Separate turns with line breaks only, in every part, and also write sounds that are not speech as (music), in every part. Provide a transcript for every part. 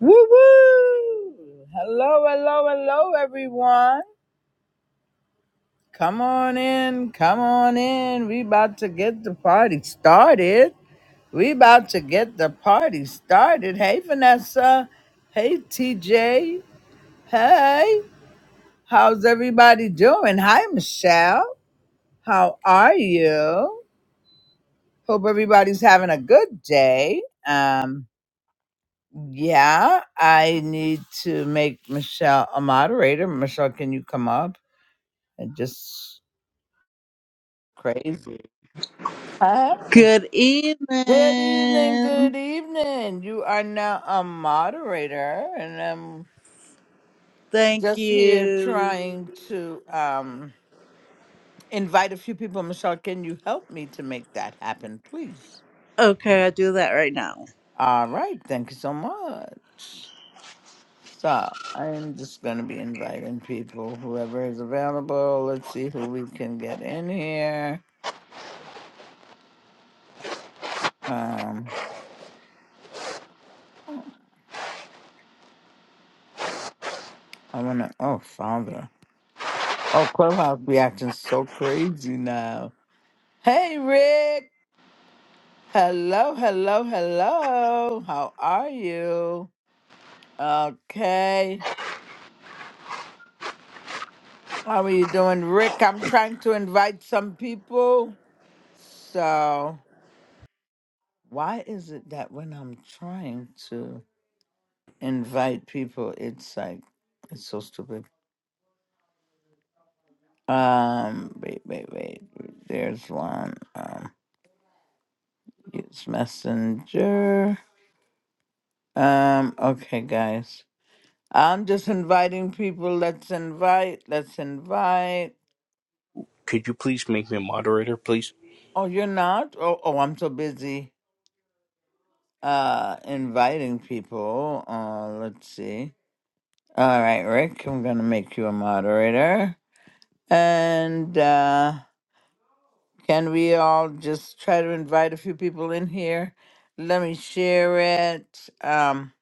Woo woo! Hello, hello, hello, everyone. Come on in, come on in. We about to get the party started. We about to get the party started. Hey, Vanessa. Hey, TJ. Hey, how's everybody doing? Hi, Michelle. How are you? Hope everybody's having a good day. Um, yeah, I need to make Michelle a moderator. Michelle, can you come up? and just crazy. Hi.
Good
Good evening.
evening.
Good evening. You are now a moderator, and I'm
Thank
just here
you.
trying to um, invite a few people. Michelle, can you help me to make that happen, please?
Okay, i do that right now.
All right. Thank you so much. So I'm just going to be inviting people, whoever is available. Let's see who we can get in here. Um, I want to. Oh, Father. Oh, Clubhouse be acting so crazy now. Hey, Rick. Hello, hello, hello. How are you? Okay. How are you doing, Rick? I'm trying to invite some people. So, why is it that when I'm trying to invite people, it's like, it's so stupid. Um, wait, wait, wait. There's one. Um, use Messenger. Um, okay, guys. I'm just inviting people. Let's invite. Let's invite.
Could you please make me a moderator, please?
Oh, you're not? Oh, oh I'm so busy uh inviting people. Uh let's see. All right, Rick, I'm gonna make you a moderator. And uh can we all just try to invite a few people in here? Let me share it. Um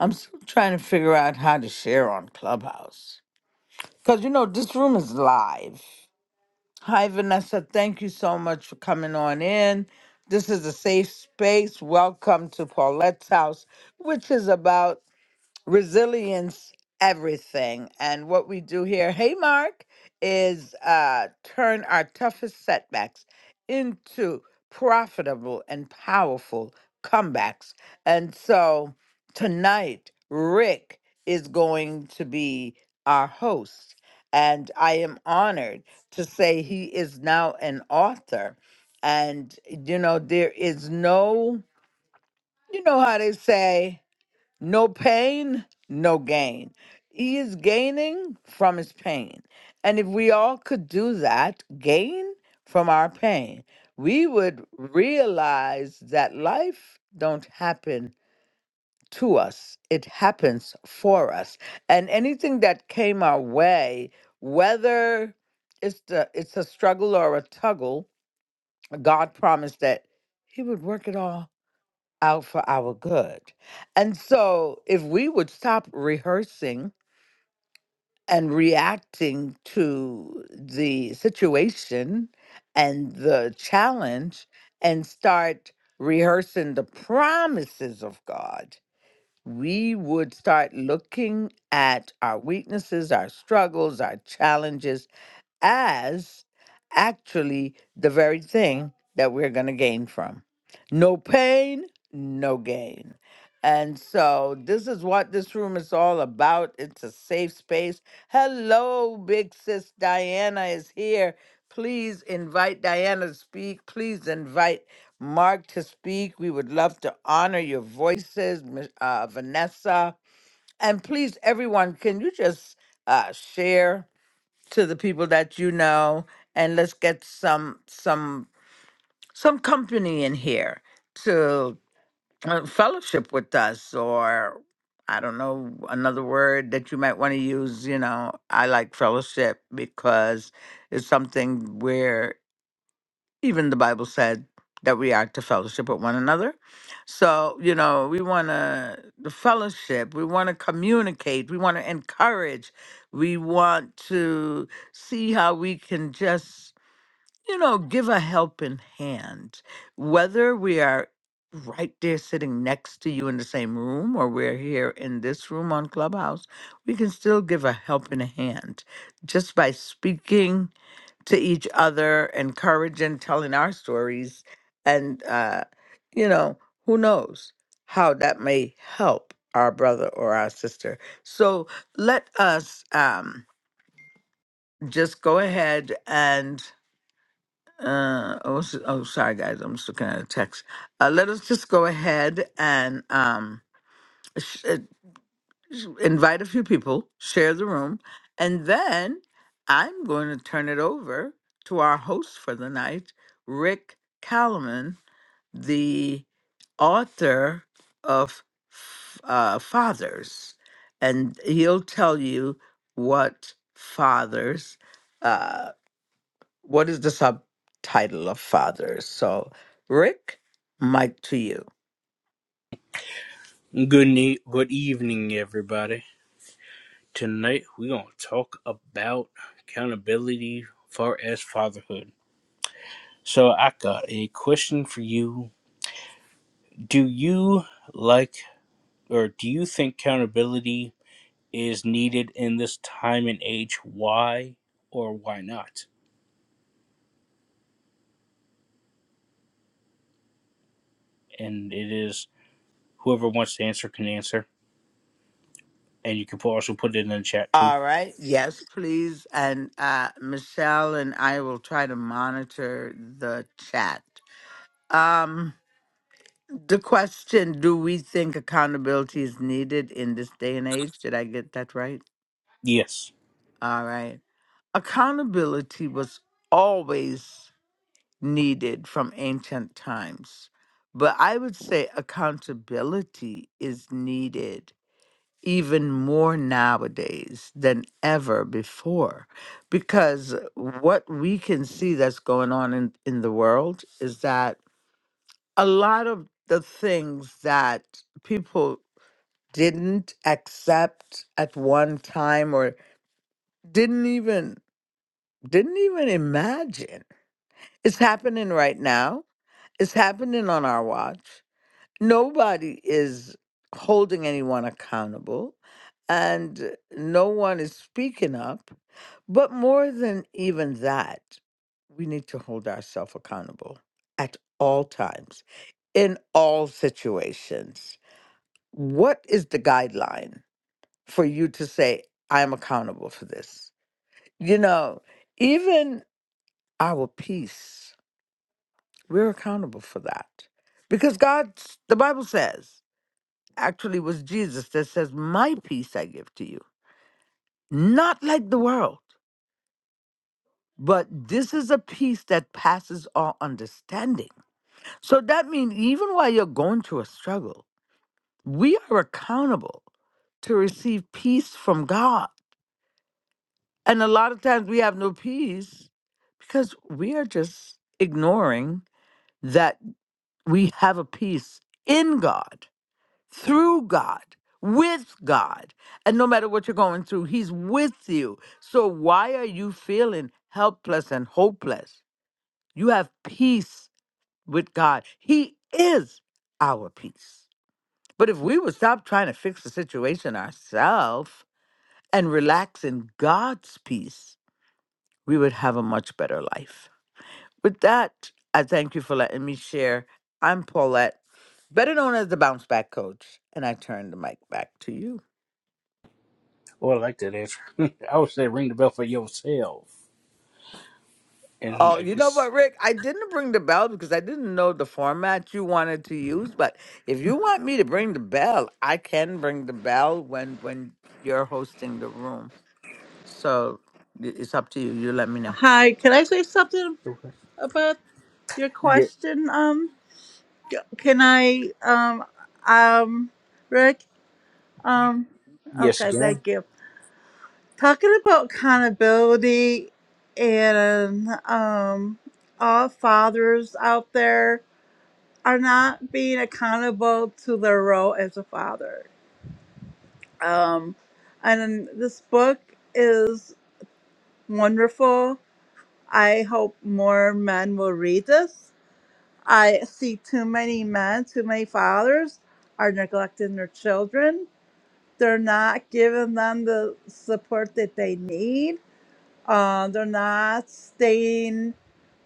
I'm still trying to figure out how to share on Clubhouse. Cause you know this room is live. Hi, Vanessa. Thank you so much for coming on in. This is a safe space. Welcome to Paulette's house, which is about resilience everything and what we do here hey mark is uh turn our toughest setbacks into profitable and powerful comebacks and so tonight rick is going to be our host and i am honored to say he is now an author and you know there is no you know how they say no pain, no gain. He is gaining from his pain. And if we all could do that, gain from our pain, we would realize that life don't happen to us. It happens for us. And anything that came our way, whether it's the it's a struggle or a tuggle, God promised that he would work it all out for our good. And so, if we would stop rehearsing and reacting to the situation and the challenge and start rehearsing the promises of God, we would start looking at our weaknesses, our struggles, our challenges as actually the very thing that we're going to gain from. No pain, no gain. And so, this is what this room is all about. It's a safe space. Hello, big sis Diana is here. Please invite Diana to speak. Please invite Mark to speak. We would love to honor your voices, Ms- uh, Vanessa. And please, everyone, can you just uh, share to the people that you know, and let's get some some some company in here uh, fellowship with us or i don't know another word that you might want to use you know i like fellowship because it's something where even the bible said that we are to fellowship with one another so you know we want to the fellowship we want to communicate we want to encourage we want to see how we can just you know, give a helping hand, whether we are right there sitting next to you in the same room or we're here in this room on Clubhouse, we can still give a helping hand just by speaking to each other, encouraging, telling our stories. And, uh, you know, who knows how that may help our brother or our sister. So let us um, just go ahead and. Uh, oh, s- oh, sorry, guys. I'm just looking at a text. Uh, let us just go ahead and um, sh- uh, sh- invite a few people, share the room, and then I'm going to turn it over to our host for the night, Rick Kalaman, the author of F- uh, Fathers, and he'll tell you what fathers. uh, what is the subtitle of Fathers? So, Rick, mic to you.
Good night, good evening, everybody. Tonight we're gonna talk about accountability far as fatherhood. So I got a question for you. Do you like or do you think accountability is needed in this time and age? Why or why not? And it is whoever wants to answer can answer. And you can also put it in the chat too.
All right. Yes, please. And uh, Michelle and I will try to monitor the chat. Um, the question Do we think accountability is needed in this day and age? Did I get that right?
Yes.
All right. Accountability was always needed from ancient times, but I would say accountability is needed even more nowadays than ever before because what we can see that's going on in, in the world is that a lot of the things that people didn't accept at one time or didn't even didn't even imagine it's happening right now it's happening on our watch nobody is holding anyone accountable and no one is speaking up. But more than even that, we need to hold ourselves accountable at all times, in all situations. What is the guideline for you to say, I'm accountable for this? You know, even our peace, we're accountable for that because God's, the Bible says. actually was Jesus that says, My peace I give to you, not like the world, but this is a peace that passes all understanding. So that means even while you're going through a struggle, we are accountable to receive peace from God. And a lot of times we have no peace because we are just ignoring that we have a peace in God. through God, with God. And no matter what you're going through, He's with you. So why are you feeling helpless and hopeless? You have peace with God. He is our peace. But if we would stop trying to fix the situation ourselves and relax in God's peace, we would have a much better life. With that, I thank you for letting me share. I'm Paulette, better known as the Bounce Back Coach, and I turn the mic back to you.
Oh, I like that answer. (laughs) I would say ring the bell for yourself. and
Oh,
I
you know
guess
what, Rick? I didn't bring the bell because I didn't know the format you wanted to use. But if you want me to bring the bell, I can bring the bell when when you're hosting the room. So i- it's up to you. You let me know.
Hi, can I say something about your
yeah,
question? Um, c- can I, um, um, Rick? Um,
yes, you
okay,
can.
thank you. Talking about accountability and, um, all fathers out there are not being accountable to their role as a father Um, and this book is wonderful. I hope more men will read this. I see too many men, too many fathers are neglecting their children. They're not giving them the support that they need. Uh, they're not staying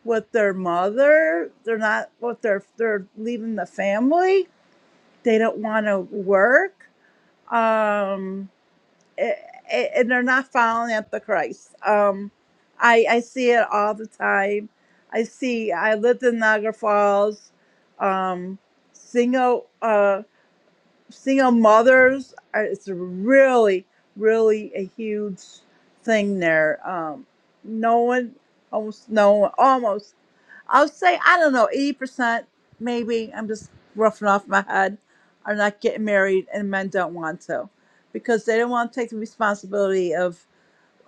with their mother. They're not with their. They're leaving the family. They don't want to work. Um, a- a- and they're not following after Christ. Um, I I see it all the time. I see. I lived in Niagara Falls. Um, single uh, single mothers. uh, It's really really a huge thing there. Um, no one, almost no one, almost. I would say I don't know, eighty percent maybe. I'm just roughing off my head. Are not getting married, and men don't want to, because they don't want to take the responsibility of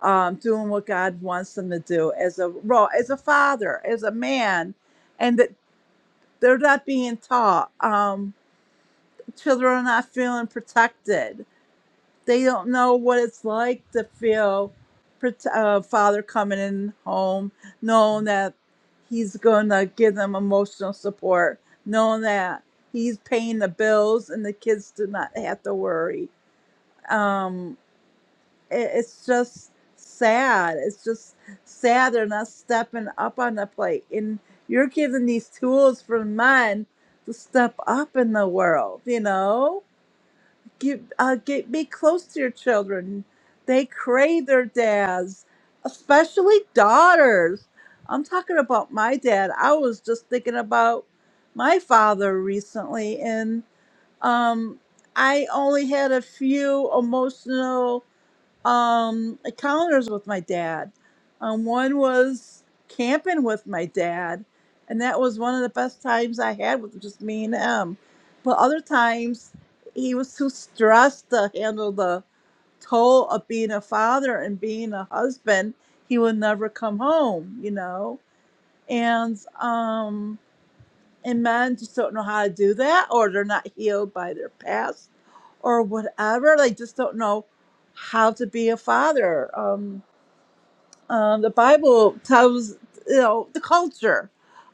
um, doing what God wants them to do as a role, as a father, as a man, and that they're not being taught. Um, children are not feeling protected they don't know what it's like to feel prote- uh, father coming in home, knowing that he's going to give them emotional support, knowing that he's paying the bills and the kids do not have to worry. Um, it, it's just sad. It's just sad they're not stepping up on the plate. And you're giving these tools for men to step up in the world, you know? give uh, get be close to your children. They crave their dads, especially daughters. I'm talking about my dad. I was just thinking about my father recently, and um, I only had a few emotional um encounters with my dad. Um, one was camping with my dad, and that was one of the best times I had with just me and him. But other times, he was too stressed to handle the toll of being a father and being a husband. He would never come home, you know. And um and men just don't know how to do that or they're not healed by their past or whatever they just don't know how to be a father um, um, the bible tells you know the culture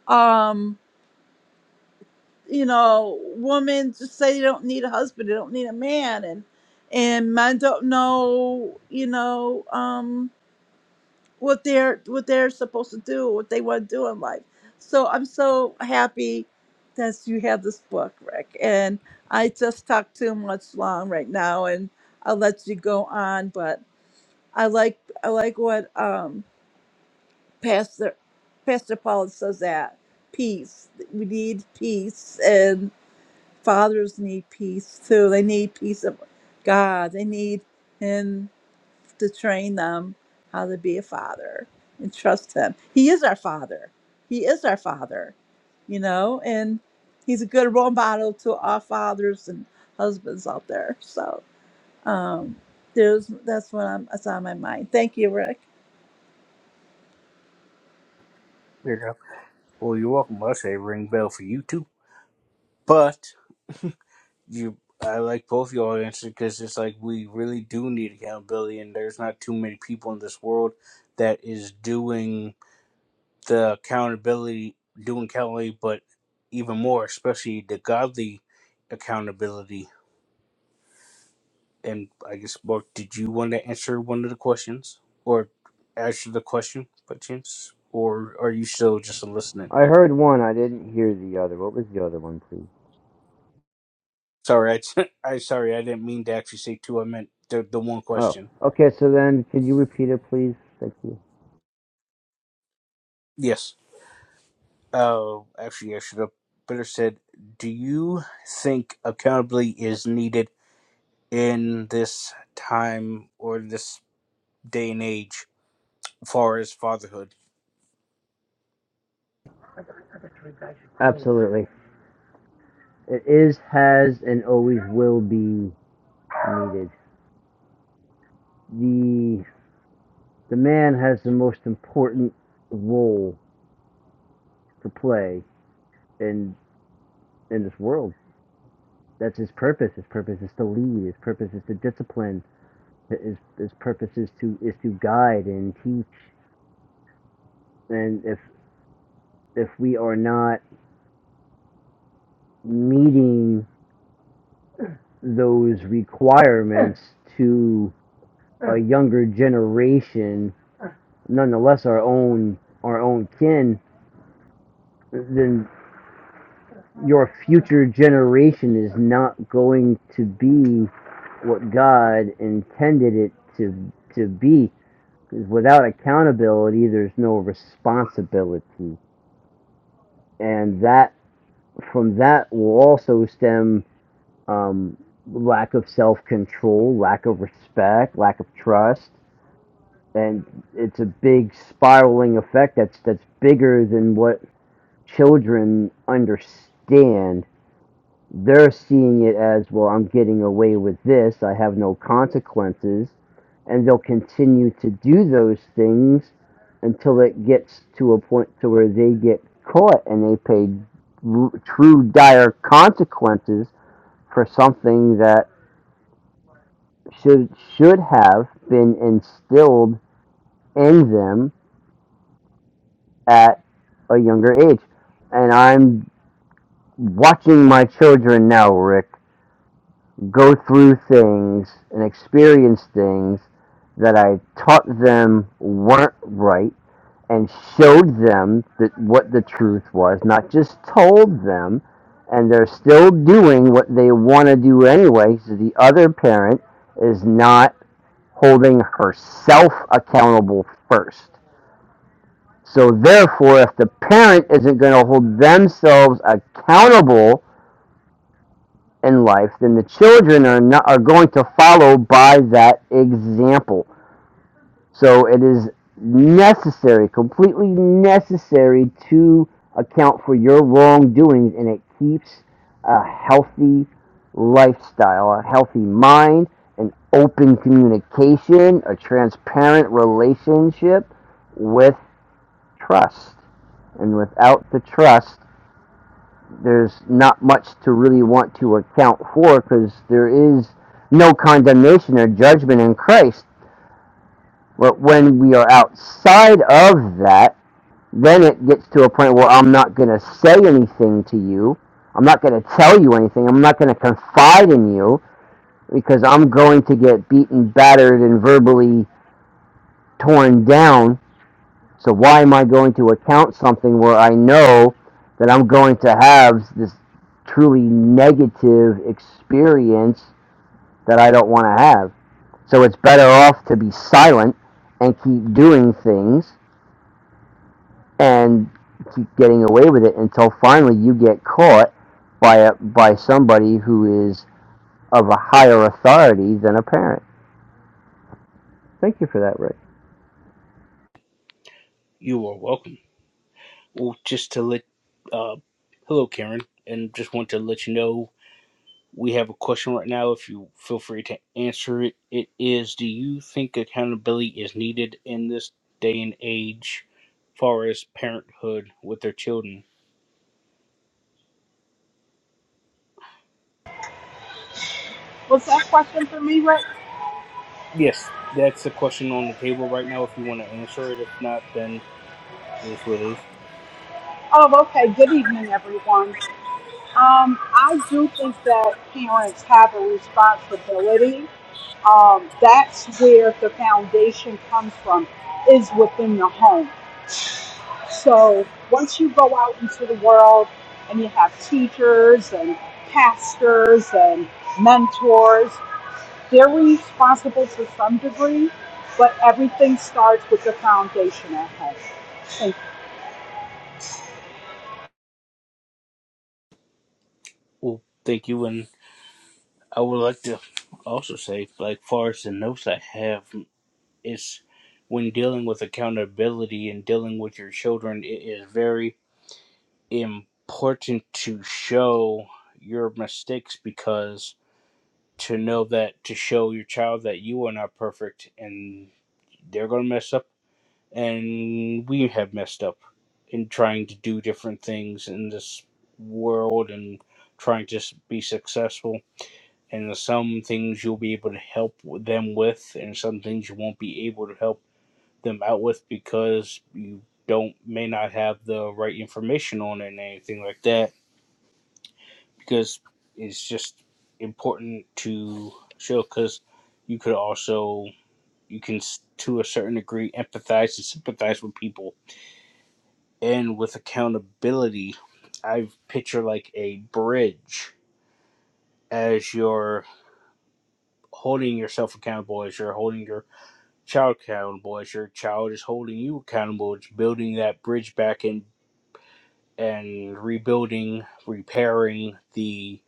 um, you know women just say they don't need a husband they don't need a man and and men don't know you know um, what they're what they're supposed to do, what they want to do in life. So I'm so happy that you have this book, Rick. And I just talked too much long right now, and I'll let you go on. But I like I like what um, Pastor Pastor Paul says that peace. We need peace, and fathers need peace too. They need peace of God. They need him to train them how to be a father and trust him. He is our father. He is our father, you know, and he's a good role model to all fathers and husbands out there. So um, there's that's what I'm that's on my mind. Thank you, Rick.
There you go. Well, you're welcome. I say ring bell for you too, but you. I like both y'all answers because it's like we really do need accountability, and there's not too many people in this world that is doing the accountability, doing accountability, but even more, especially the godly accountability. And I guess, Mark, did you want to answer one of the questions or answer the question by chance, or are you still just listening?
I heard one. I didn't hear the other. What was the other one, please?
Sorry, I, t- (laughs) I sorry, I didn't mean to actually say two. I meant the the one
Oh,
question.
okay. So then, can you repeat it, please? Thank you.
Yes. Uh, actually, I should have better said. Do you think accountability is needed in this time or this day and age, as far as fatherhood?
Absolutely. It is, has, and always will be needed. The the man has the most important role to play in in this world. That's his purpose. His purpose is to lead. His purpose is to discipline. His his purpose is to is to guide and teach. And if if we are not meeting those requirements to a younger generation, nonetheless our own our own kin, then your future generation is not going to be what God intended it to to be. Because without accountability, there's no responsibility, and that from that will also stem um, lack of self control, lack of respect, lack of trust, and it's a big spiraling effect that's that's bigger than what children understand. They're seeing it as well. I'm getting away with this. I have no consequences, and they'll continue to do those things until it gets to a point to where they get caught and they pay r- true dire consequences for something that should should have been instilled in them at a younger age. And I'm watching my children now, Rick, go through things and experience things that I taught them weren't right and showed them that what the truth was, not just told them, and they're still doing what they want to do anyway. So the other parent is not holding herself accountable first. So therefore, if the parent isn't going to hold themselves accountable in life, then the children are not are going to follow by that example. So it is necessary, completely necessary to account for your wrongdoings, and it keeps a healthy lifestyle, a healthy mind, an open communication, a transparent relationship with trust. And without the trust, there's not much to really want to account for because there is no condemnation or judgment in Christ. But when we are outside of that, then it gets to a point where I'm not going to say anything to you. I'm not going to tell you anything. I'm not going to confide in you because I'm going to get beaten, battered, and verbally torn down So why am I going to account something where I know that I'm going to have this truly negative experience that I don't want to have? So it's better off to be silent and keep doing things and keep getting away with it until finally you get caught by a, by somebody who is of a higher authority than a parent. Thank you for that, Rick.
You are welcome. Well, just to let, uh, hello, Karen, and just want to let you know we have a question right now. If you feel free to answer it, it is: Do you think accountability is needed in this day and age, far as parenthood with their children?
Was that a question for me, Rick?
Yes, that's the question on the table right now. If you want to answer it, if not, then it is what it is.
Oh, okay. Good evening, everyone. Um, I do think that parents have a responsibility. Um, that's where the foundation comes from, is within the home. So once you go out into the world and you have teachers and pastors and mentors, they're responsible to some degree, but everything starts with the foundation at home.
Well, thank you, and I would like to also say, like far as the notes I have, it's when dealing with accountability and dealing with your children, it is very important to show your mistakes because to know that to show your child that you are not perfect and they're going to mess up and we have messed up in trying to do different things in this world and trying to s- be successful and there's some things you'll be able to help w- them with and some things you won't be able to help them out with because you don't may not have the right information on it and anything like that because it's just important to show because you could also you can s- to a certain degree empathize and sympathize with people and with accountability i picture like a bridge as you're holding yourself accountable as you're holding your child accountable as your child is holding you accountable it's building that bridge back and and rebuilding repairing the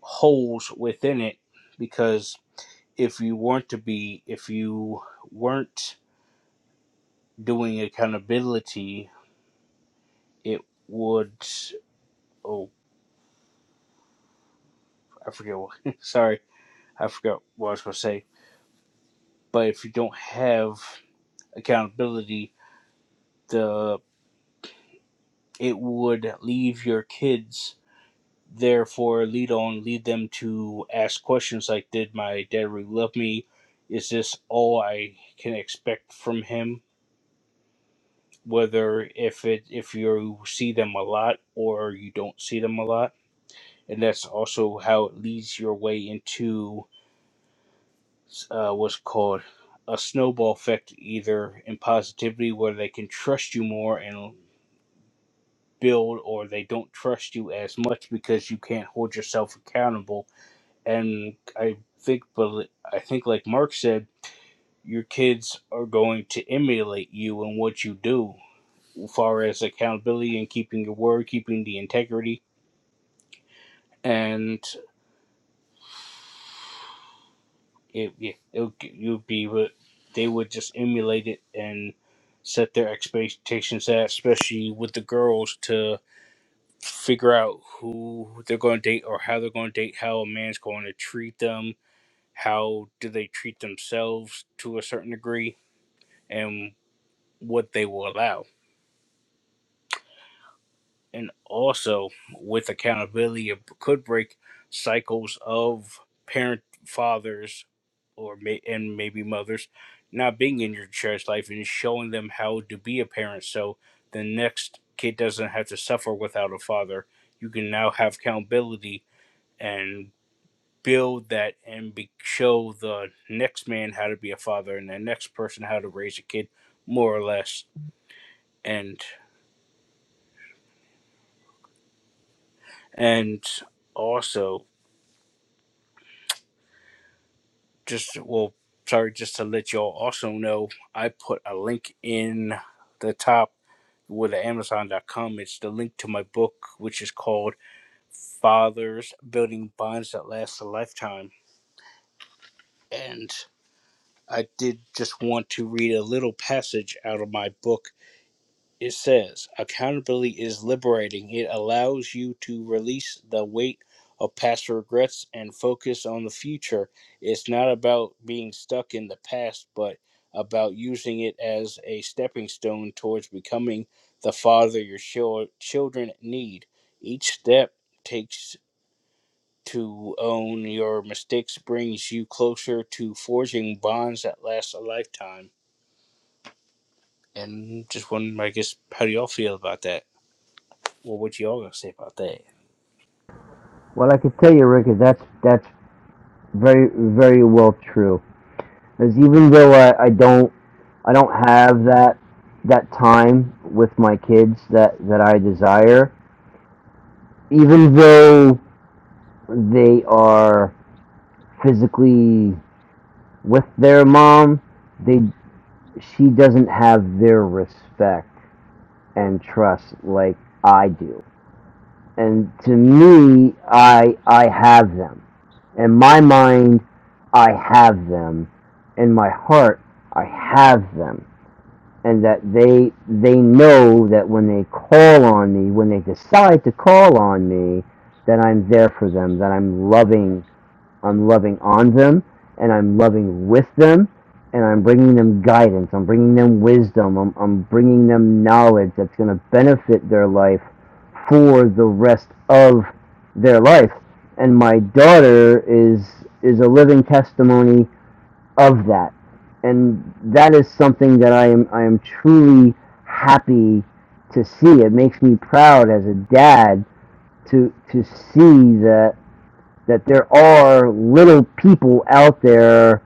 holes within it because. if you weren't to be if you weren't doing accountability it would oh i forget what (laughs) sorry i forgot what i was going to say but if you don't have accountability the it would leave your kids therefore lead on lead them to ask questions like did my dad really love me is this all i can expect from him whether if it if you see them a lot or you don't see them a lot and that's also how it leads your way into uh, what's called a snowball effect, either in positivity where they can trust you more and build, or they don't trust you as much because you can't hold yourself accountable. And I think, but I think, like Mark said, your kids are going to emulate you and what you do, as far as accountability and keeping your word, keeping the integrity. And it, it, it you'd be what they would just emulate it and set their expectations at, especially with the girls to figure out who they're going to date or how they're going to date, how a man's going to treat them, how do they treat themselves to a certain degree, and what they will allow. and also with accountability it could break cycles of parent fathers or may, and maybe mothers not being in your child's life and showing them how to be a parent so the next kid doesn't have to suffer without a father you can now have accountability and build that and be, show the next man how to be a father and the next person how to raise a kid more or less and and also just well sorry just to let y'all also know i put a link in the top with amazon.com it's the link to my book which is called fathers building bonds that last a lifetime and i did just want to read a little passage out of my book It says, accountability is liberating. It allows you to release the weight of past regrets and focus on the future. It's not about being stuck in the past, but about using it as a stepping stone towards becoming the father your chil- children need. Each step takes to own your mistakes brings you closer to forging bonds that last a lifetime. And just wondering, I guess, how do y'all feel about that? Well, what y'all gonna say about that?
Well, I can tell you, Rick, that's that's very very well true. Because even though I, I don't I don't have that that time with my kids that that I desire, even though they are physically with their mom. They she doesn't have their respect and trust like I do. And to me, I I have them. In my mind, I have them. In my heart, I have them. and that they they know that when they call on me, when they decide to call on me, that I'm there for them, that I'm loving, I'm loving on them, and I'm loving with them, and I'm bringing them guidance, I'm bringing them wisdom, I'm, I'm bringing them knowledge that's going to benefit their life for the rest of their life. And my daughter is is a living testimony of that, and that is something that I am I am truly happy to see. It makes me proud as a dad to to see that that there are little people out there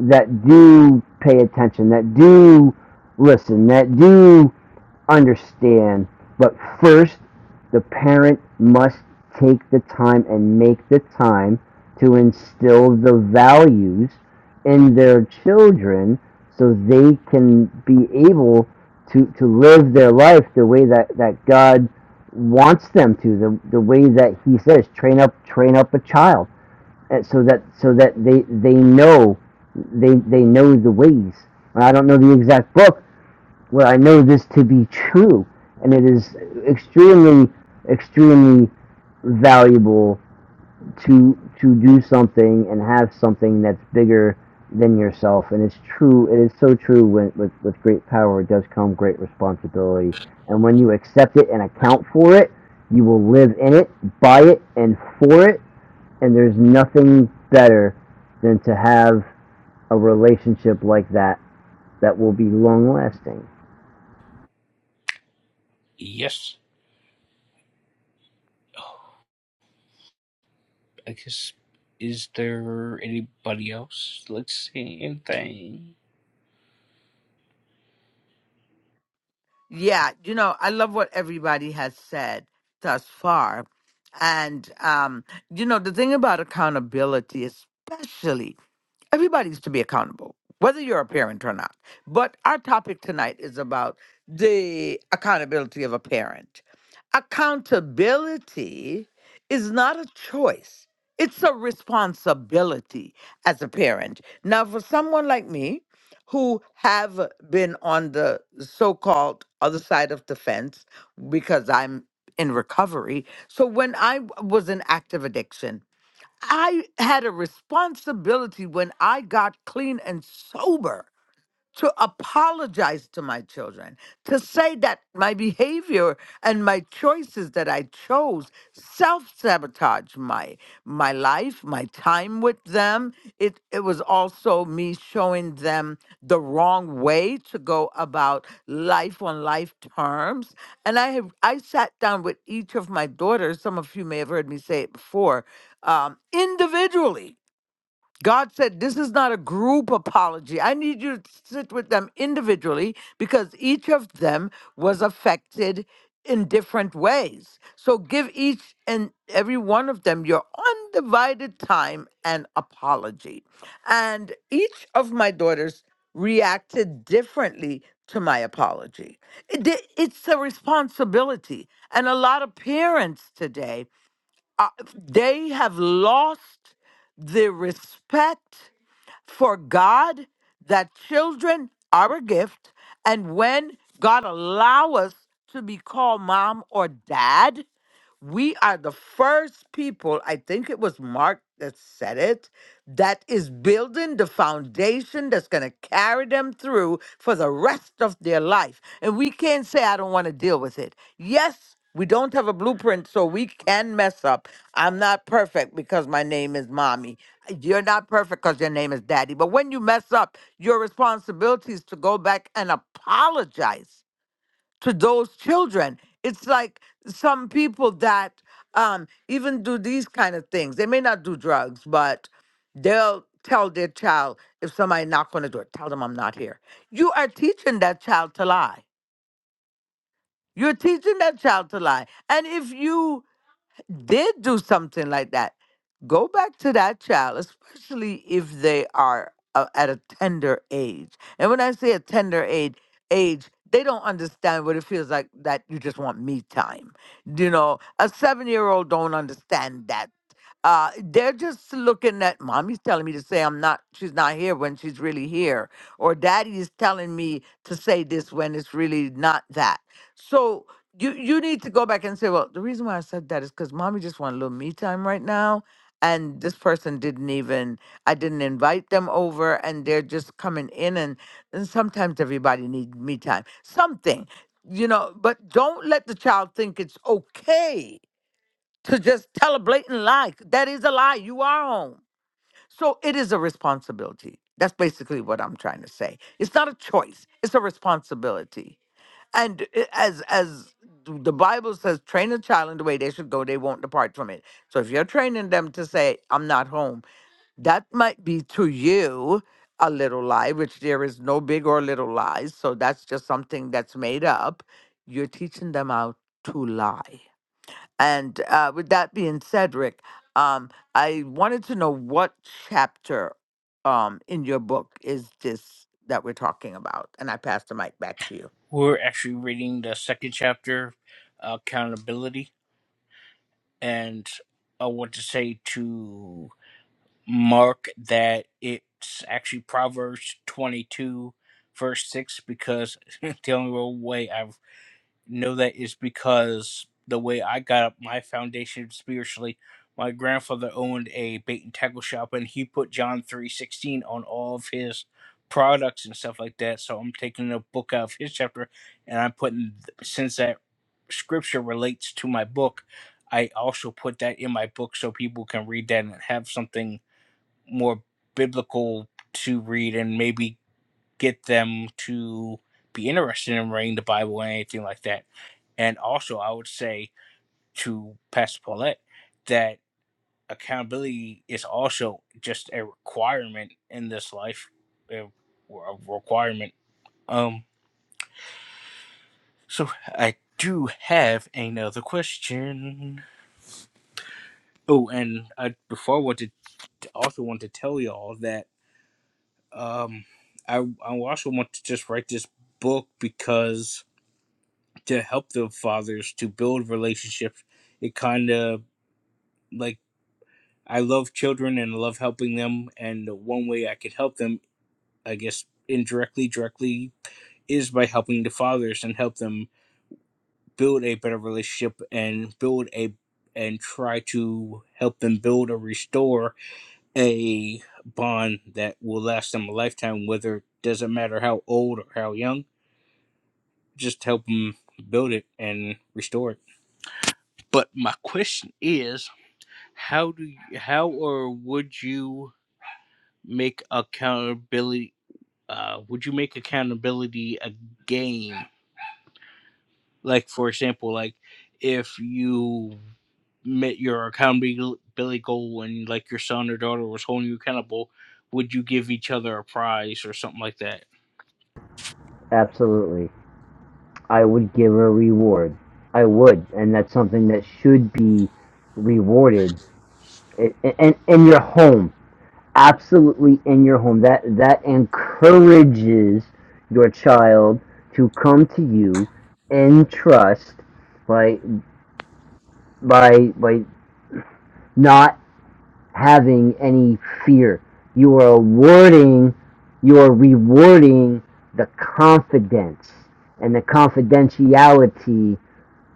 that do pay attention, that do listen, that do understand, but first, the parent must take the time and make the time to instill the values in their children so they can be able to, to live their life the way that, that God wants them to, the, the way that He says, train up train up a child, and so that so that they they know they they know the ways. I don't know the exact book, where I know this to be true, and it is extremely, extremely valuable to to do something and have something that's bigger than yourself. And it's true. It is so true. When with with great power does come great responsibility, and when you accept it and account for it, you will live in it, by it, and for it. And there's nothing better than to have a relationship like that that will be long lasting.
Yes, I guess. Is there anybody else? Let's see anything.
Yeah, you know, I love what everybody has said thus far, and um, you know, the thing about accountability, especially. Everybody's to be accountable, whether you're a parent or not. But our topic tonight is about the accountability of a parent. Accountability is not a choice, it's a responsibility as a parent. Now, for someone like me, who have been on the so-called other side of the fence because I'm in recovery. So when I w- was in active addiction, I had a responsibility when I got clean and sober to apologize to my children, to say that my behavior and my choices that I chose self-sabotage my my life, my time with them. It it was also me showing them the wrong way to go about life on life terms. And I have I sat down with each of my daughters, some of you may have heard me say it before, um, individually God said, This is not a group apology. I need you to sit with them individually because each of them was affected in different ways. So give each and every one of them your undivided time and apology. And each of my daughters reacted differently to my apology. It- it's a responsibility. And a lot of parents today uh, they have lost the respect for God that children are a gift. And when God allow us to be called mom or dad, we are the first people, I think it was Mark that said it, that is building the foundation that's going to carry them through for the rest of their life. And we can't say, I don't want to deal with it. Yes, we don't have a blueprint, so we can mess up. I'm not perfect because my name is mommy. You're not perfect because your name is daddy. But when you mess up, your responsibility is to go back and apologize to those children. It's like some people that um, even do these kind of things. They may not do drugs, but they'll tell their child if somebody knock on the door, tell them I'm not here. You are teaching that child to lie. You're teaching that child to lie. And if you did do something like that, go back to that child, especially if they are uh, at a tender age. And when I say a tender age, age, they don't understand what it feels like that you just want me time. You know, a seven year old don't understand that. Uh, they're just looking at mommy's telling me to say I'm not, she's not here when she's really here, or daddy is telling me to say this when it's really not that. So, you you need to go back and say, well, the reason why I said that is because mommy just want a little me time right now, and this person didn't even I didn't invite them over, and they're just coming in, and and sometimes everybody needs me time, something, you know. But don't let the child think it's okay to just tell a blatant lie. That is a lie. You are home, so it is a responsibility. That's basically what I'm trying to say. It's not a choice; it's a responsibility and i- as as th- the bible says train a child in the way they should go they won't depart from it so if you're training them to say i'm not home that might be to you a little lie which there is no big or little lies so that's just something that's made up you're teaching them how to lie and uh, with that being said rick um, i wanted to know what chapter um, in your book is this that we're talking about and i pass the mic back to you
We're actually reading the second chapter, Accountability, and I want to say to Mark that it's actually Proverbs 22, verse 6, because (laughs) the only way I've know that is because the way I got up my foundation spiritually, my grandfather owned a bait and tackle shop and he put John 316 on all of his products and stuff like that. So I'm taking a book out of his chapter and I'm putting since that scripture relates to my book, I also put that in my book so people can read that and have something more biblical to read and maybe get them to be interested in reading the Bible and anything like that. And also, I would say to Pastor Paulette that accountability is also just a requirement in this life, a, a requirement. Um, so I do have another question. Oh, and I before I wanted also want to tell y'all that um, I I also want to just write this book because to help the fathers to build relationships. It kind of like I love children and I love helping them, and the one way I could help them, I guess indirectly, directly, is by helping the fathers and help them build a better relationship and build a and try to help them build or restore a bond that will last them a lifetime, whether it doesn't matter how old or how young, just help them build it and restore it. But my question is How do you, how or would you make accountability uh would you make accountability a game? Like for example, like if you met your accountability goal and like your son or daughter was holding you accountable, would you give each other a prize or something like that?
Absolutely. I would give a reward. I would, and that's something that should be rewarded And in, in, in your home. Absolutely in your home. That that encourages your child to come to you in trust by by by not having any fear. You are awarding you are rewarding the confidence and the confidentiality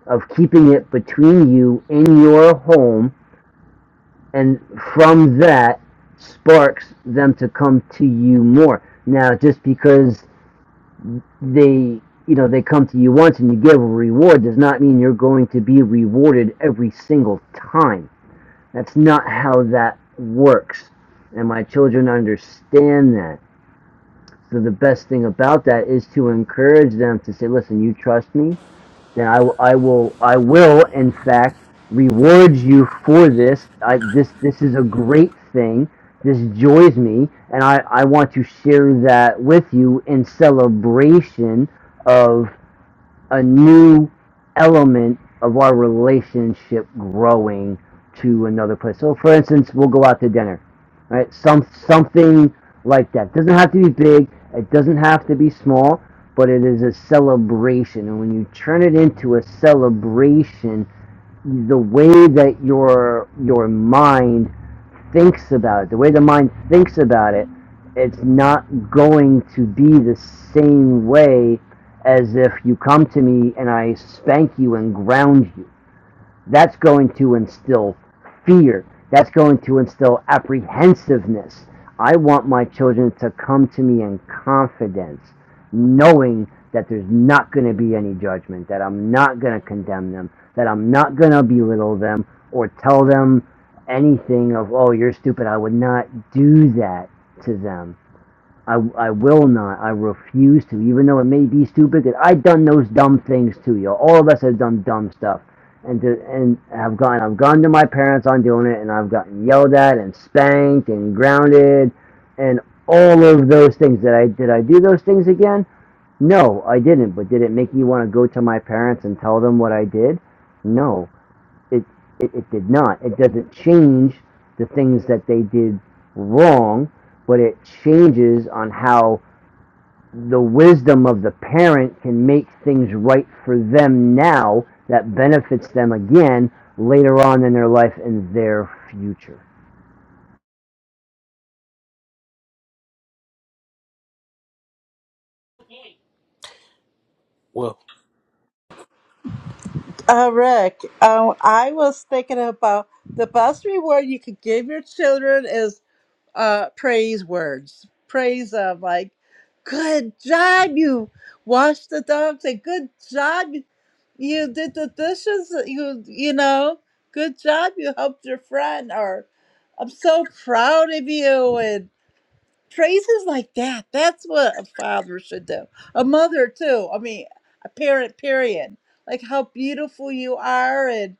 of keeping it between you and your home, and from that sparks them to come to you more. Now, just because they you know they come to you once and you give a reward does not mean you're going to be rewarded every single time. That's not how that works, and my children understand that. So the best thing about that is to encourage them to say, "Listen, you trust me. then I, will- I will I will in fact reward you for this. I, this this is a great thing. This joys me, and I, I want to share that with you in celebration of a new element of our relationship growing to another place. So, for instance, we'll go out to dinner, right? Some something like that. It Doesn't have to be big. It doesn't have to be small, but it is a celebration. And when you turn it into a celebration, the way that your your mind thinks about it, the way the mind thinks about it, it's not going to be the same way as if you come to me and I spank you and ground you that's going to instill fear. That's going to instill apprehensiveness. I want my children to come to me in confidence, knowing that there's not going to be any judgment, that I'm not going to condemn them, that I'm not going to belittle them or tell them anything of, oh, you're stupid. I would not do that to them. I, I will not. I refuse to, even though it may be stupid. That I've done those dumb things to you. All of us have done dumb stuff, and to, and have gone. I've gone to my parents on doing it, and I've gotten yelled at and spanked and grounded, and all of those things. That I did. I do those things again. No, I didn't. But did it make me want to go to my parents and tell them what I did? No. It, it, it did not. It doesn't change the things that they did wrong, but it changes on how the wisdom of the parent can make things right for them now that benefits them again later on in their life and their future.
Well,
Uh, Rick, um, I was thinking about the best reward you could give your children is uh praise words praise of like good job you washed the dog say good job you you did the dishes you you know good job you helped your friend or i'm so proud of you and praises like that that's what a father should do a mother too i mean a parent period like how beautiful you are and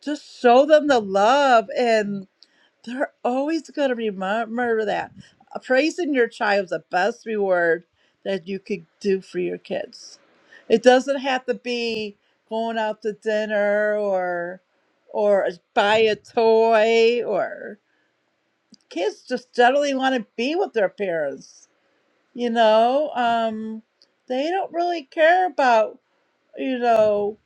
just show them the love and. They're always going to remember that. Uh, Praising your child is the best reward that you could do for your kids. It doesn't have to be going out to dinner or or buy a toy or kids just generally want to be with their parents. You know, um, they don't really care about you know,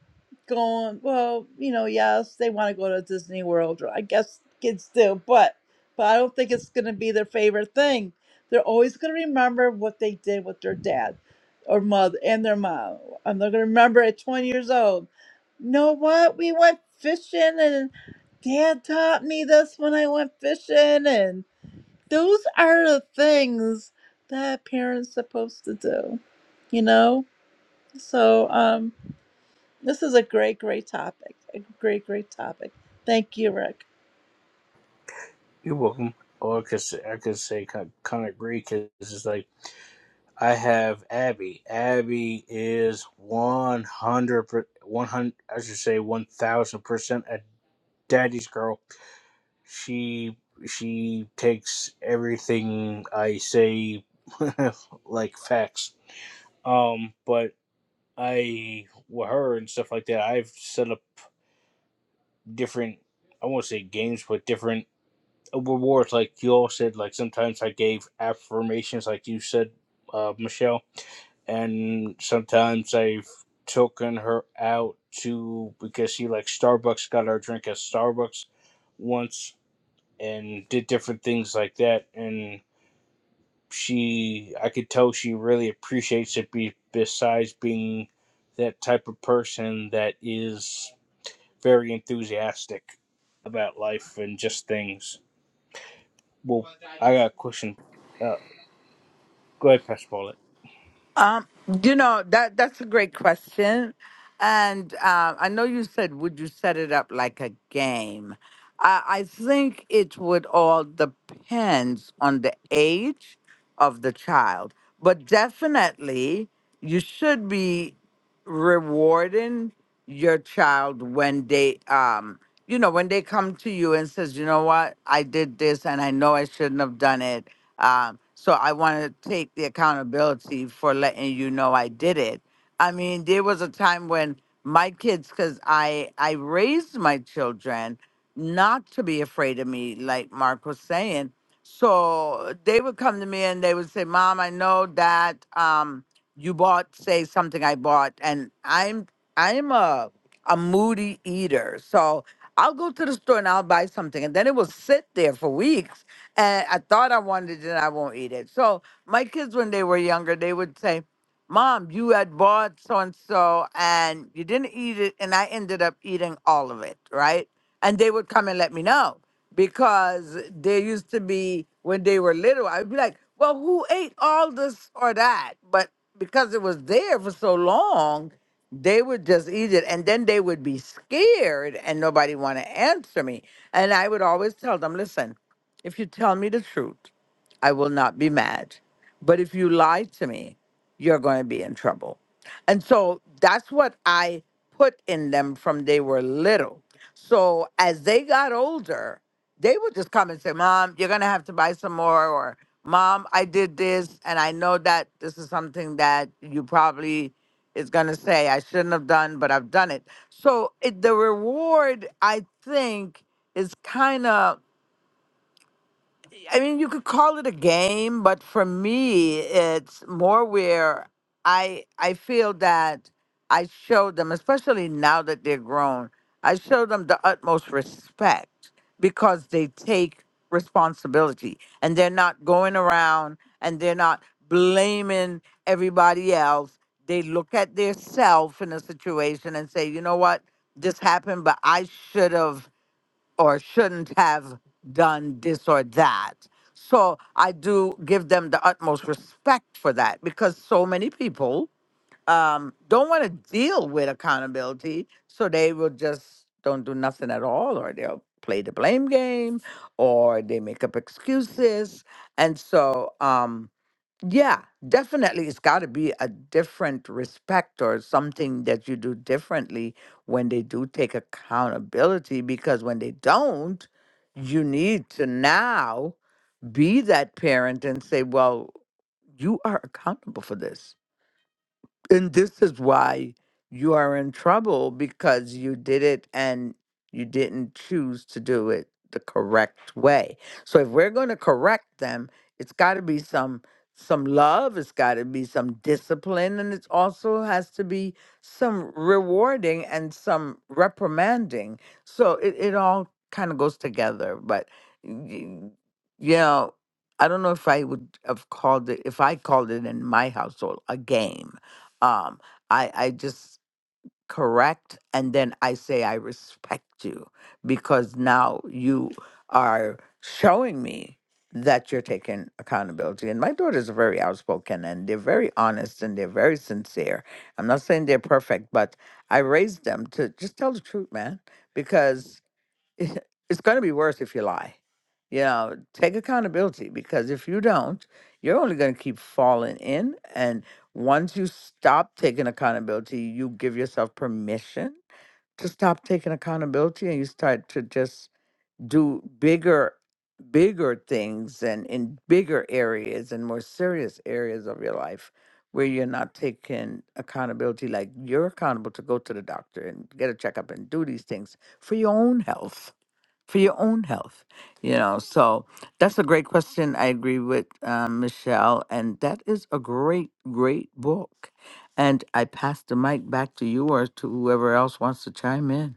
going, well, you know, yes, they want to go to Disney World. Or I guess kids do, but but I don't think it's going to be their favorite thing. They're always going to remember what they did with their dad or mother and their mom. And they're going to remember at 20 years old. You know what? We went fishing and dad taught me this when I went fishing. And those are the things that parents supposed to do, you know? So, um, this is a great, great topic. A great, great topic. Thank you, Rick.
you're welcome. Or I could say, I could say kind of, kind of agree because it's like I have Abby. Abby is 100, per- 100 I should say 1000% a daddy's girl. She she takes everything I say (laughs) like facts. Um but I with her and stuff like that, I've set up different I won't say games but different rewards like you all said like sometimes I gave affirmations like you said uh Michelle and sometimes I've taken her out to because she like Starbucks got our drink at Starbucks once and did different things like that and she I could tell she really appreciates it be, besides being that type of person that is very enthusiastic about life and just things. Well, I got a question. Uh, go ahead, Pastor Paulette.
Um, you know that that's a great question, and uh, I know you said, "Would you set it up like a game?" I, I think it would all depends on the age of the child, but definitely you should be rewarding your child when they um you know when they come to you and says you know what i did this and i know i shouldn't have done it um so i want to take the accountability for letting you know i did it i mean there was a time when my kids because i i raised my children not to be afraid of me like mark was saying so they would come to me and they would say mom i know that um you bought say something i bought and i'm i'm a a moody eater so i'll go to the store and i'll buy something and then it will sit there for weeks and i thought i wanted it and i won't eat it so my kids when they were younger they would say mom you had bought so and so and you didn't eat it and i ended up eating all of it right and they would come and let me know because there used to be when they were little, I'd be like, well, who ate all this or that? But because it was there for so long, they would just eat it and then they would be scared and nobody want to answer me. And I would always tell them, listen, if you tell me the truth, I will not be mad. But if you lie to me, you're going to be in trouble. And so that's what I put in them from they were little. So as they got older, they would just come and say, Mom, you're going to have to buy some more. Or, Mom, I did this. And I know that this is something that you probably is going to say I shouldn't have done, but I've done it. So it, the reward, I think, is kind of. I mean, you could call it a game, but for me, it's more where I I feel that I show them, especially now that they're grown, I show them the utmost respect because they take responsibility and they're not going around and they're not blaming everybody else. They look at their self in a situation and say, you know what, this happened, but I should have or shouldn't have done this or that. So I do give them the utmost respect for that because so many people um, don't want to deal with accountability. So they will just don't do nothing at all, or they'll play the blame game, or they make up excuses. And so, um, yeah, definitely. It's got to be a different respect or something that you do differently when they do take accountability. Because when they don't, you need to now be that parent and say, well, you are accountable for this and this is why you are in trouble because you did it and you didn't choose to do it the correct way. So if we're going to correct them, it's got to be some some love, it's got to be some discipline and it also has to be some rewarding and some reprimanding. So it it all kind of goes together, but y- you know, I don't know if I would have called it if I called it in my household a game um i i just correct and then i say i respect you because now you are showing me that you're taking accountability and my daughters are very outspoken and they're very honest and they're very sincere i'm not saying they're perfect but i raised them to just tell the truth man because (laughs) it- it's going to be worse if you lie. You know, take accountability because if you don't, you're only going to keep falling in. And once you stop taking accountability, you give yourself permission to stop taking accountability and you start to just do bigger, bigger things and in bigger areas and more serious areas of your life where you're not taking accountability. Like you're accountable to go to the doctor and get a checkup and do these things for your own health for your own health you know so that's a great question i agree with um, michelle and that is a great great book and i pass the mic back to you or to whoever else wants to chime in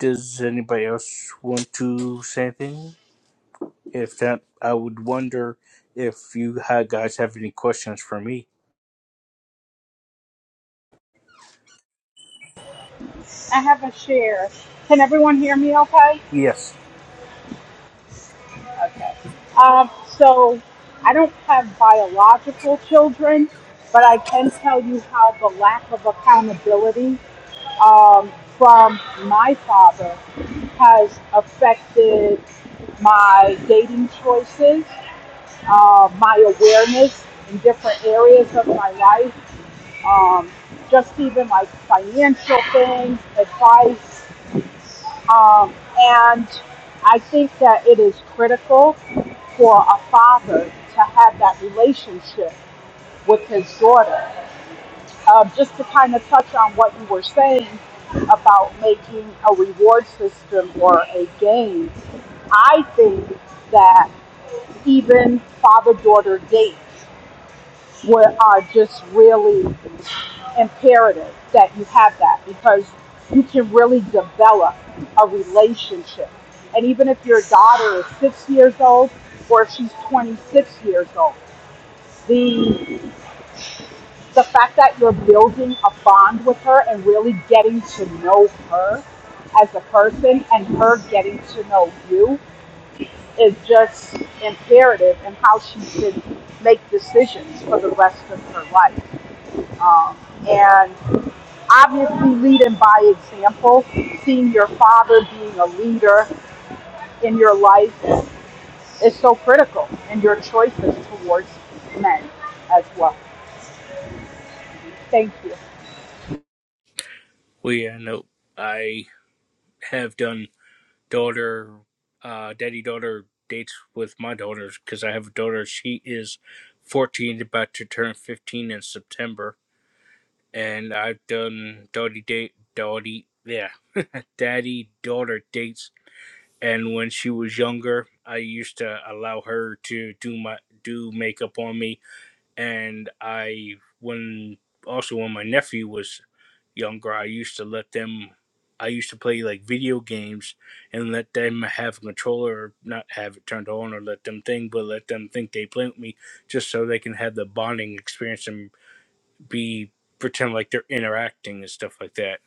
Does anybody else want to say anything? If that, I would wonder if you had guys have any questions for me.
I have a share. Can everyone hear me okay?
Yes.
Okay. Um, so I don't have biological children, but I can tell you how the lack of accountability um, from my father has affected my dating choices, uh, my awareness in different areas of my life, um, just even like financial things, advice, Um, and I think that it is critical for a father to have that relationship with his daughter. Um, just to kind of touch on what you were saying about making a reward system or a game, I think that even father daughter dates were are just really imperative that you have that because you can really develop a relationship. And even if your daughter is six years old or if she's 26 years old, the the fact that you're building a bond with her and really getting to know her as a person and her getting to know you is just imperative in how she should make decisions for the rest of her life. Um, and obviously leading by example, seeing your father being a leader in your life is so critical in your choices towards men as well. Thank you.
Well, yeah, no, I have done daughter, uh, daddy daughter dates with my daughters because I have a daughter. She is 14, about to turn 15 in September, and I've done daddy date, daddy, yeah, (laughs) daddy daughter dates. And when she was younger, I used to allow her to do my do makeup on me and I when also when my nephew was younger, I used to let them. I used to play like video games and let them have a controller, or not have it turned on, or let them think, but let them think they play with me, just so they can have the bonding experience and be pretend like they're interacting and stuff like that.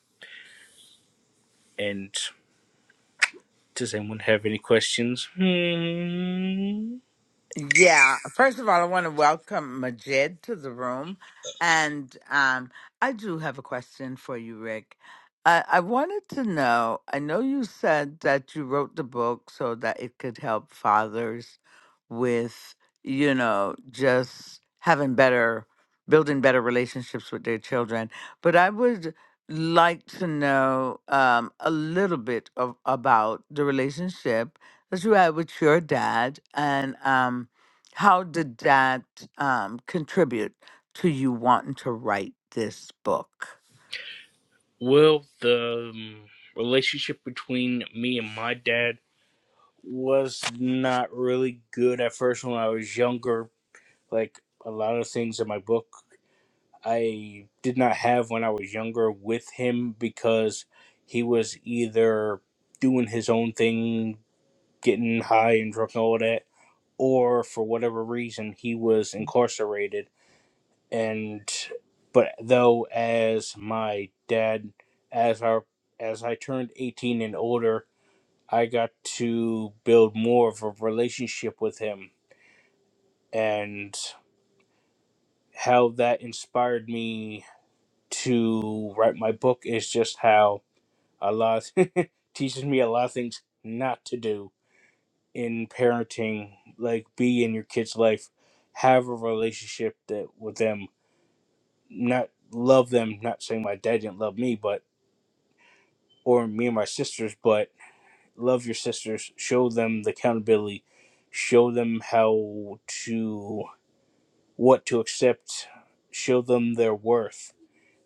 And does anyone have any questions? Hmm.
Yeah. First of all, I want to welcome Majid to the room. And um, I do have a question for you, Rick. I, I wanted to know I know you said that you wrote the book so that it could help fathers with, you know, just having better, building better relationships with their children. But I would like to know um, a little bit of, about the relationship that's right with your dad, and um, how did that um, contribute to you wanting to write this book?
Well, the um, relationship between me and my dad was not really good at first when I was younger. Like a lot of things in my book, I did not have when I was younger with him because he was either doing his own thing, getting high and drunk and all that, or for whatever reason, he was incarcerated. And but though, as my dad, as our as I turned 18 and older, I got to build more of a relationship with him and how that inspired me to write my book is just how Allah (laughs) teaches me a lot of things not to do in parenting like be in your kids life have a relationship that with them not love them not saying my dad didn't love me but or me and my sisters but love your sisters show them the accountability show them how to what to accept, show them their worth.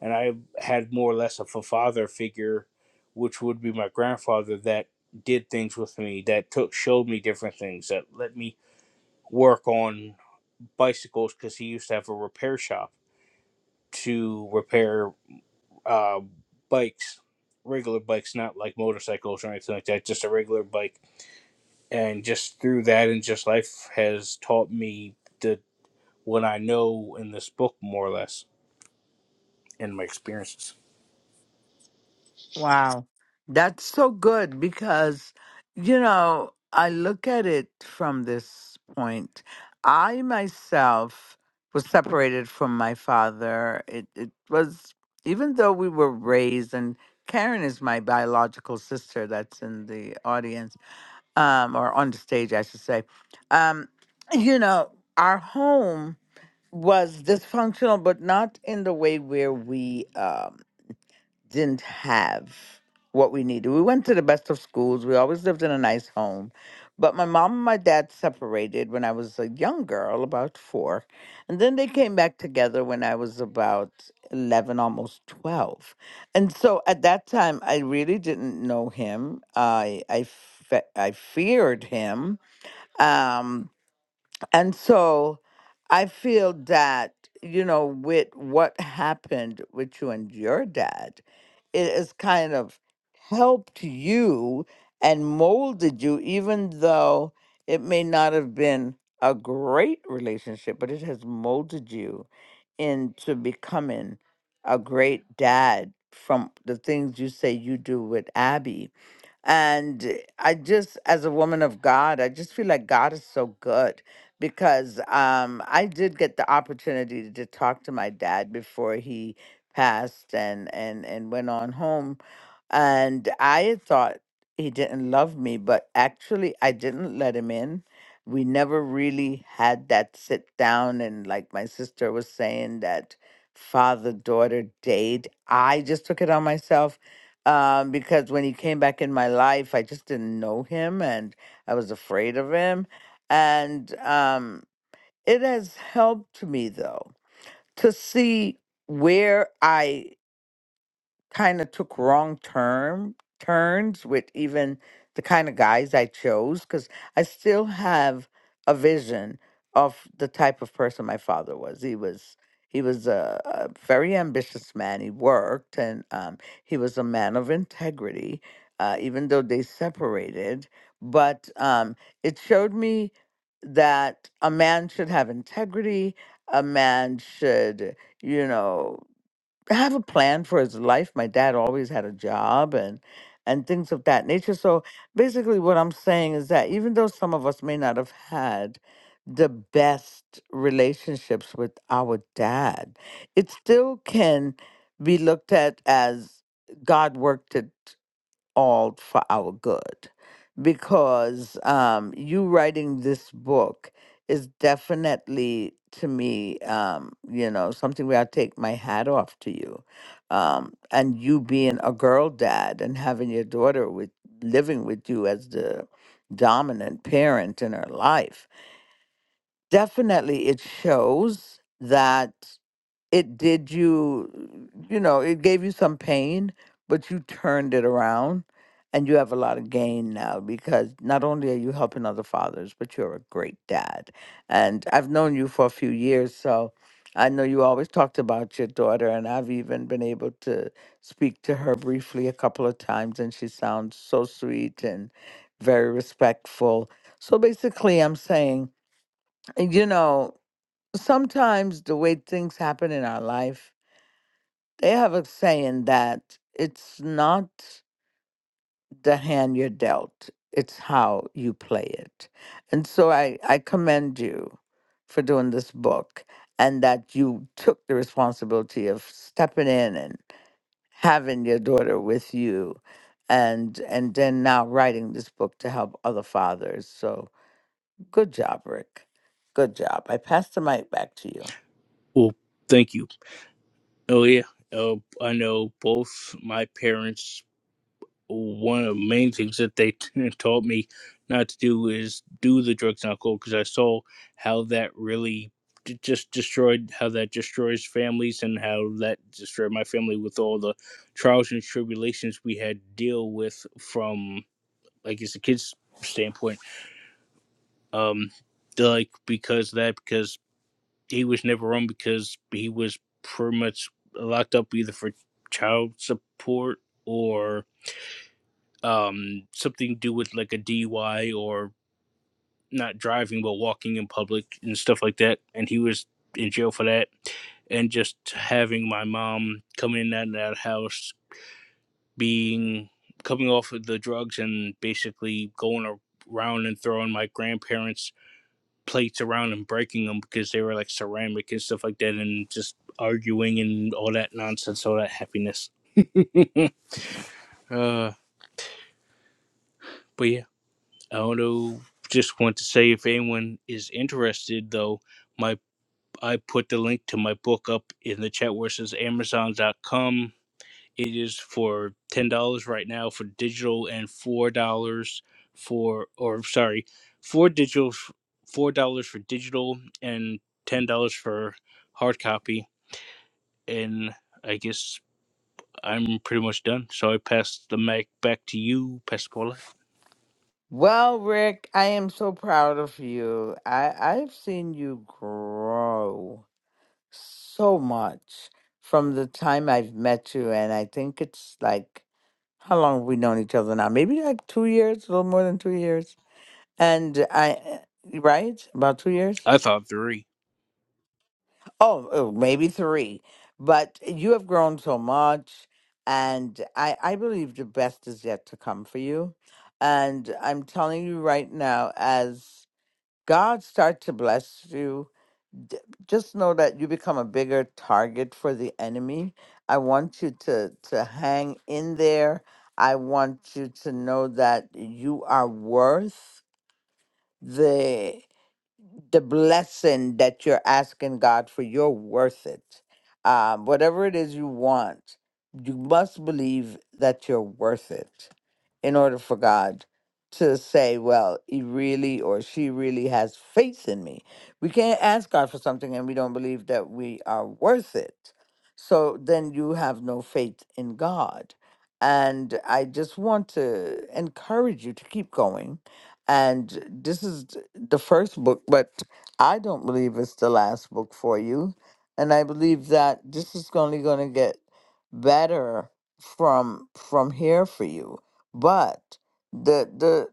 And I had more or less of a father figure, which would be my grandfather, that did things with me, that took showed me different things, that let me work on bicycles because he used to have a repair shop to repair uh, bikes, regular bikes, not like motorcycles or anything like that, just a regular bike. And just through that, and just life has taught me that what I know in this book, more or less and my experiences.
Wow, that's so good because you know I look at it from this point. I myself was separated from my father. It it was even though we were raised, and Karen is my biological sister that's in the audience um, or on the stage, I should say. Um, you know, our home was dysfunctional, but not in the way where we um, didn't have what we needed. We went to the best of schools. We always lived in a nice home. But my mom and my dad separated when I was a young girl, about four. And then they came back together when I was about 11, almost 12. And so at that time, I really didn't know him. I, I, fe- I feared him. Um, and so I feel that, you know, with what happened with you and your dad, it has kind of helped you and molded you, even though it may not have been a great relationship, but it has molded you into becoming a great dad from the things you say you do with Abby and I just, as a woman of God, I just feel like God is so good because um, I did get the opportunity to talk to my dad before he passed and, and, and went on home. And I had thought he didn't love me, but actually, I didn't let him in. We never really had that sit down. And like my sister was saying, that father daughter date, I just took it on myself um, because when he came back in my life, I just didn't know him and I was afraid of him. And um, it has helped me, though, to see where I kind of took wrong turn turns with even the kind of guys I chose because I still have a vision of the type of person my father was. He was he was a, a very ambitious man. He worked and um, he was a man of integrity, uh, even though they separated. But um, it showed me that a man should have integrity. A man should, you know have a plan for his life. My dad always had a job and and things of that nature. So basically what I'm saying is that even though some of us may not have had the best relationships with our dad, it still can be looked at as God worked it all for our good because um, you writing this book is definitely to me um, you know something where i take my hat off to you um, and you being a girl dad and having your daughter with living with you as the dominant parent in her life definitely it shows that it did you you know it gave you some pain but you turned it around and you have a lot of gain now because not only are you helping other fathers but you're a great dad and i've known you for a few years so i know you always talked about your daughter and i've even been able to speak to her briefly a couple of times and she sounds so sweet and very respectful so basically i'm saying you know sometimes the way things happen in our life they have a saying that it's not the hand you're dealt, it's how you play it. And so I, I commend you for doing this book and that you took the responsibility of stepping in and having your daughter with you and and then now writing this book to help other fathers. So good job, Rick. Good job. I pass the mic back to you.
Well, thank you. Oh yeah, uh, I know both my parents. One of the main things that they (laughs) taught me not to do is do the drugs and alcohol because I saw how that really d- just destroyed how that destroys families and how that destroyed my family with all the trials and tribulations we had to deal with from like as a kid's standpoint. Um, like because of that he was never on because he was pretty much locked up either for child support or um something to do with like a DUI or not driving but walking in public and stuff like that and he was in jail for that and just having my mom coming in and out of that house being coming off of the drugs and basically going around and throwing my grandparents plates around and breaking them because they were like ceramic and stuff like that, and just arguing and all that nonsense, all that happiness. Uh, but yeah, I don't know. Just want to say if anyone is interested, though, my I put the link to my book up in the chat where it says amazon dot com. It is for ten dollars right now for digital and four dollars for or sorry, four digital, four dollars for digital and ten dollars for hard copy and I guess I'm pretty much done. So I pass the mic back to you, Pastor Paula.
Well, Rick, I am so proud of you. I, I've seen you grow so much from the time I've met you, and I think it's like how long have we known each other now? Maybe like two years, a little more than two years. And I, eh, right? About two years?
I thought three.
Oh, oh, maybe three. But you have grown so much, and I, I believe the best is yet to come for you. And I'm telling you right now, as God starts to bless you, d- just know that you become a bigger target for the enemy. I want you to to hang in there. I want you to know that you are worth the the blessing that you're asking God for, you're worth it. Um, whatever it is you want, you must believe that you're worth it in order for God to say, well, he really or she really has faith in me. We can't ask God for something and we don't believe that we are worth it. So then you have no faith in God. And I just want to encourage you to keep going and this is th- the first book, but I don't believe it's the last book for you. And I believe that this is only going to get better from from here for you. But the the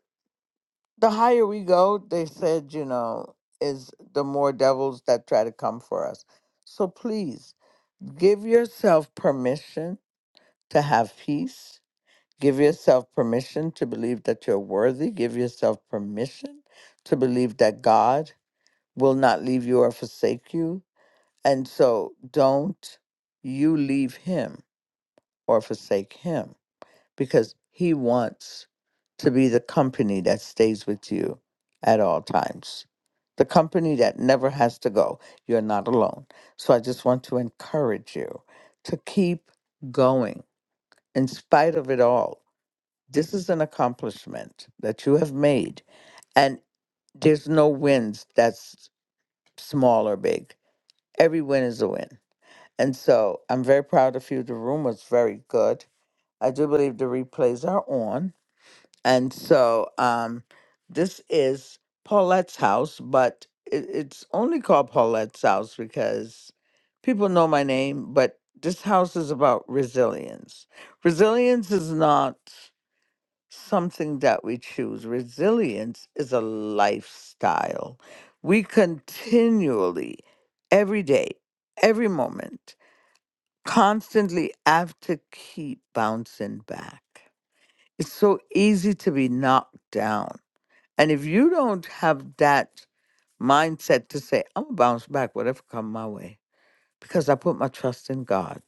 the higher we go, they said, you know, is the more devils that try to come for us. So please give yourself permission to have peace Give yourself permission to believe that you're worthy. Give yourself permission to believe that God will not leave you or forsake you. And so don't you leave Him or forsake Him because He wants to be the company that stays with you at all times, the company that never has to go. You're not alone. So I just want to encourage you to keep going in spite of it all this is an accomplishment that you have made, and there's no wins that's small or big. Every win is a win. And so I'm very proud of you. The room was very good. I do believe the replays are on. And so um, this is Paulette's house, but it, it's only called Paulette's house because people know my name, but this house is about resilience. Resilience is not. something that we choose. Resilience is a lifestyle. We continually, every day, every moment, constantly have to keep bouncing back. It's so easy to be knocked down. And if you don't have that mindset to say, I'm going to bounce back, whatever come my way, because I put my trust in God.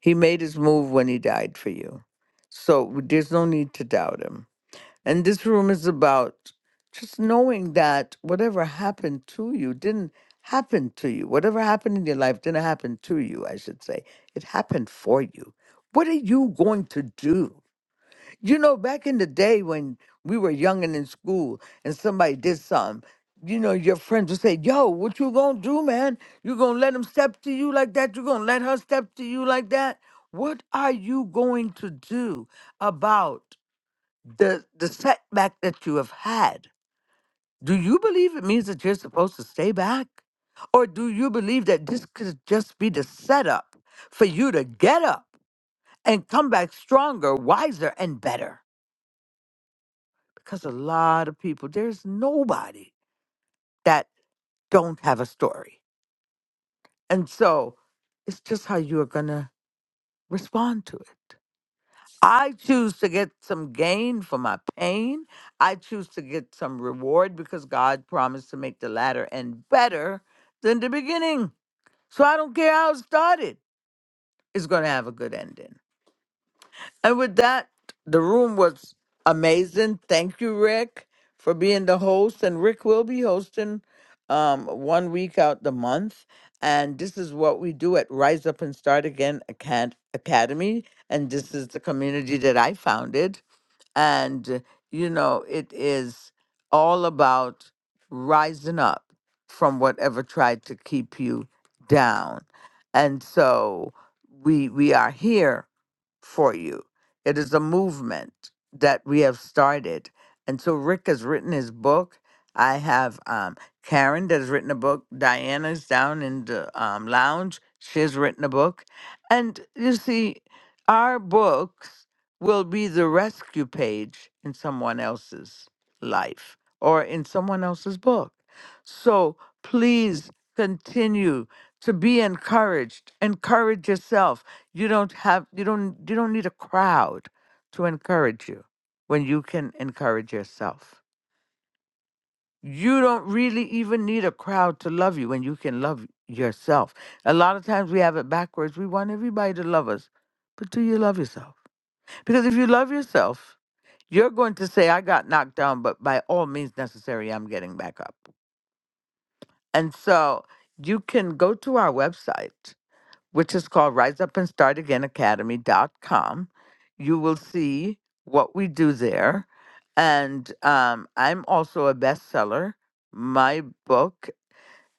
He made his move when he died for you. So there's no need to doubt him and this room is about just knowing that whatever happened to you didn't happen to you. Whatever happened in your life didn't happen to you, I should say. It happened for you. What are you going to do? You know, back in the day when we were young and in school and somebody did something, you know, your friends would say, Yo, what you gonna do, man? You gonna let him step to you like that? You gonna let her step to you like that? What are you going to do about? the the setback that you have had do you believe it means that you're supposed to stay back or do you believe that this could just be the setup for you to get up and come back stronger wiser and better because a lot of people there's nobody that don't have a story and so it's just how you are going to respond to it I choose to get some gain for my pain. I choose to get some reward because God promised to make the latter end better than the beginning. So I don't care how it started, it's going to have a good ending. And with that, the room was amazing. Thank you, Rick, for being the host. And Rick will be hosting um, one week out the month. And this is what we do at Rise Up and Start Again Acad- Academy. And this is the community that I founded and, uh, you know, it is all about rising up from whatever tried to keep you down. And so we we are here for you. It is a movement that we have started. And so Rick has written his book. I have um, Karen that has written a book. Diana's down in the um, lounge. She has written a book. And you see, our books will be the rescue page in someone else's life or in someone else's book. So please continue to be encouraged. Encourage yourself. You don't have you don't you don't need a crowd to encourage you when you can encourage yourself. You don't really even need a crowd to love you when you can love yourself. A lot of times we have it backwards. We want everybody to love us. But do you love yourself? Because if you love yourself, you're going to say, I got knocked down, but by all means necessary, I'm getting back up. And so you can go to our website, which is called riseupandstartagainacademy.com. You will see what we do there. And um, I'm also a bestseller. My book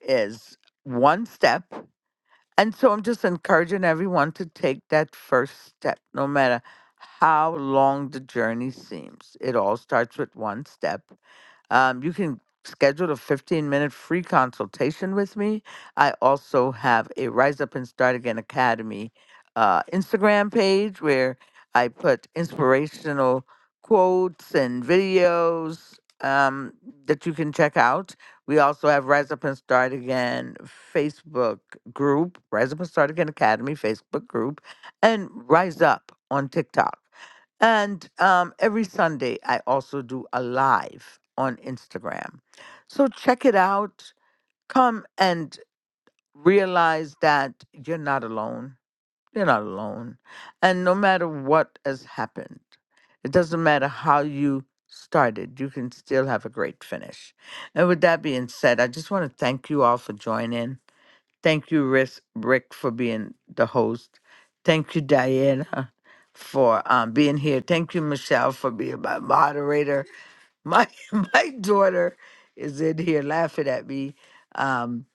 is One Step. And so I'm just encouraging everyone to take that first step, no matter how long the journey seems. It all starts with one step. Um, you can schedule a 15 minute free consultation with me. I also have a Rise Up and Start Again Academy uh, Instagram page where I put inspirational quotes and videos um, that you can check out. We also have Rise Up and Start Again Facebook group, Rise Up and Start Again Academy Facebook group, and Rise Up on TikTok. And um, every Sunday, I also do a live on Instagram. So check it out. Come and realize that you're not alone. You're not alone. And no matter what has happened, it doesn't matter how you started, you can still have a great finish. And with that being said, I just want to thank you all for joining. Thank you, Rick, Rick for being the host. Thank you, Diana, for um, being here. Thank you, Michelle, for being my moderator. My (laughs) my daughter is in here laughing at me. Um,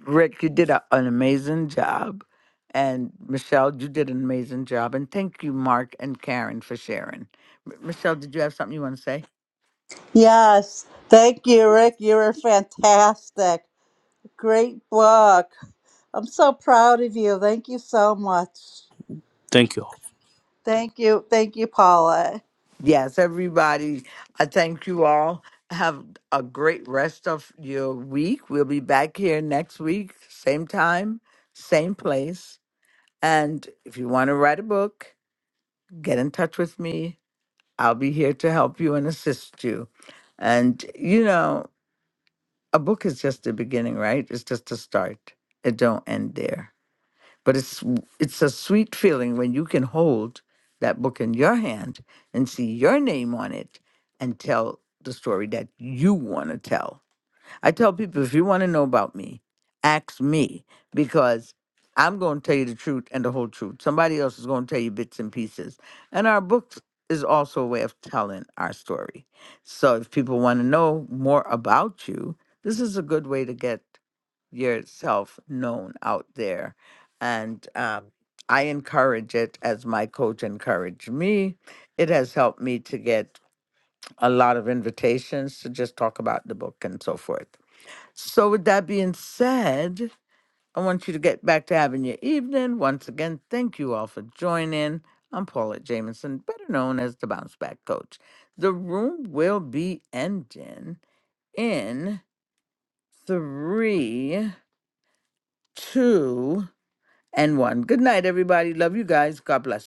Rick, you did a, an amazing job. And Michelle, you did an amazing job. And thank you, Mark and Karen, for sharing. M- Michelle, did you have something you want to say?
Yes, thank you, Rick. You were fantastic. Great book. I'm so proud of you. Thank you so much.
Thank you.
Thank you. Thank you, Paula.
Yes, everybody, I thank you all. Have a great rest of your week. We'll be back here next week, same time, same place. And if you want to write a book, get in touch with me. I'll be here to help you and assist you. And you know, a book is just the beginning, right? It's just a start. It don't end there but it's it's a sweet feeling when you can hold that book in your hand and see your name on it and tell the story that you want to tell. I tell people if you want to know about me, ask me because I'm going to tell you the truth and the whole truth. Somebody else is going to tell you bits and pieces. And our books is also a way of telling our story. So if people want to know more about you, this is a good way to get yourself known out there. And um, I encourage it as my coach encouraged me. It has helped me to get a lot of invitations to just talk about the book and so forth. So, with that being said, I want you to get back to having your evening. Once again, thank you all for joining. I'm Paula Jamison, better known as the Bounce Back Coach. The room will be ending in three, two, and one. Good night, everybody. Love you guys. God bless.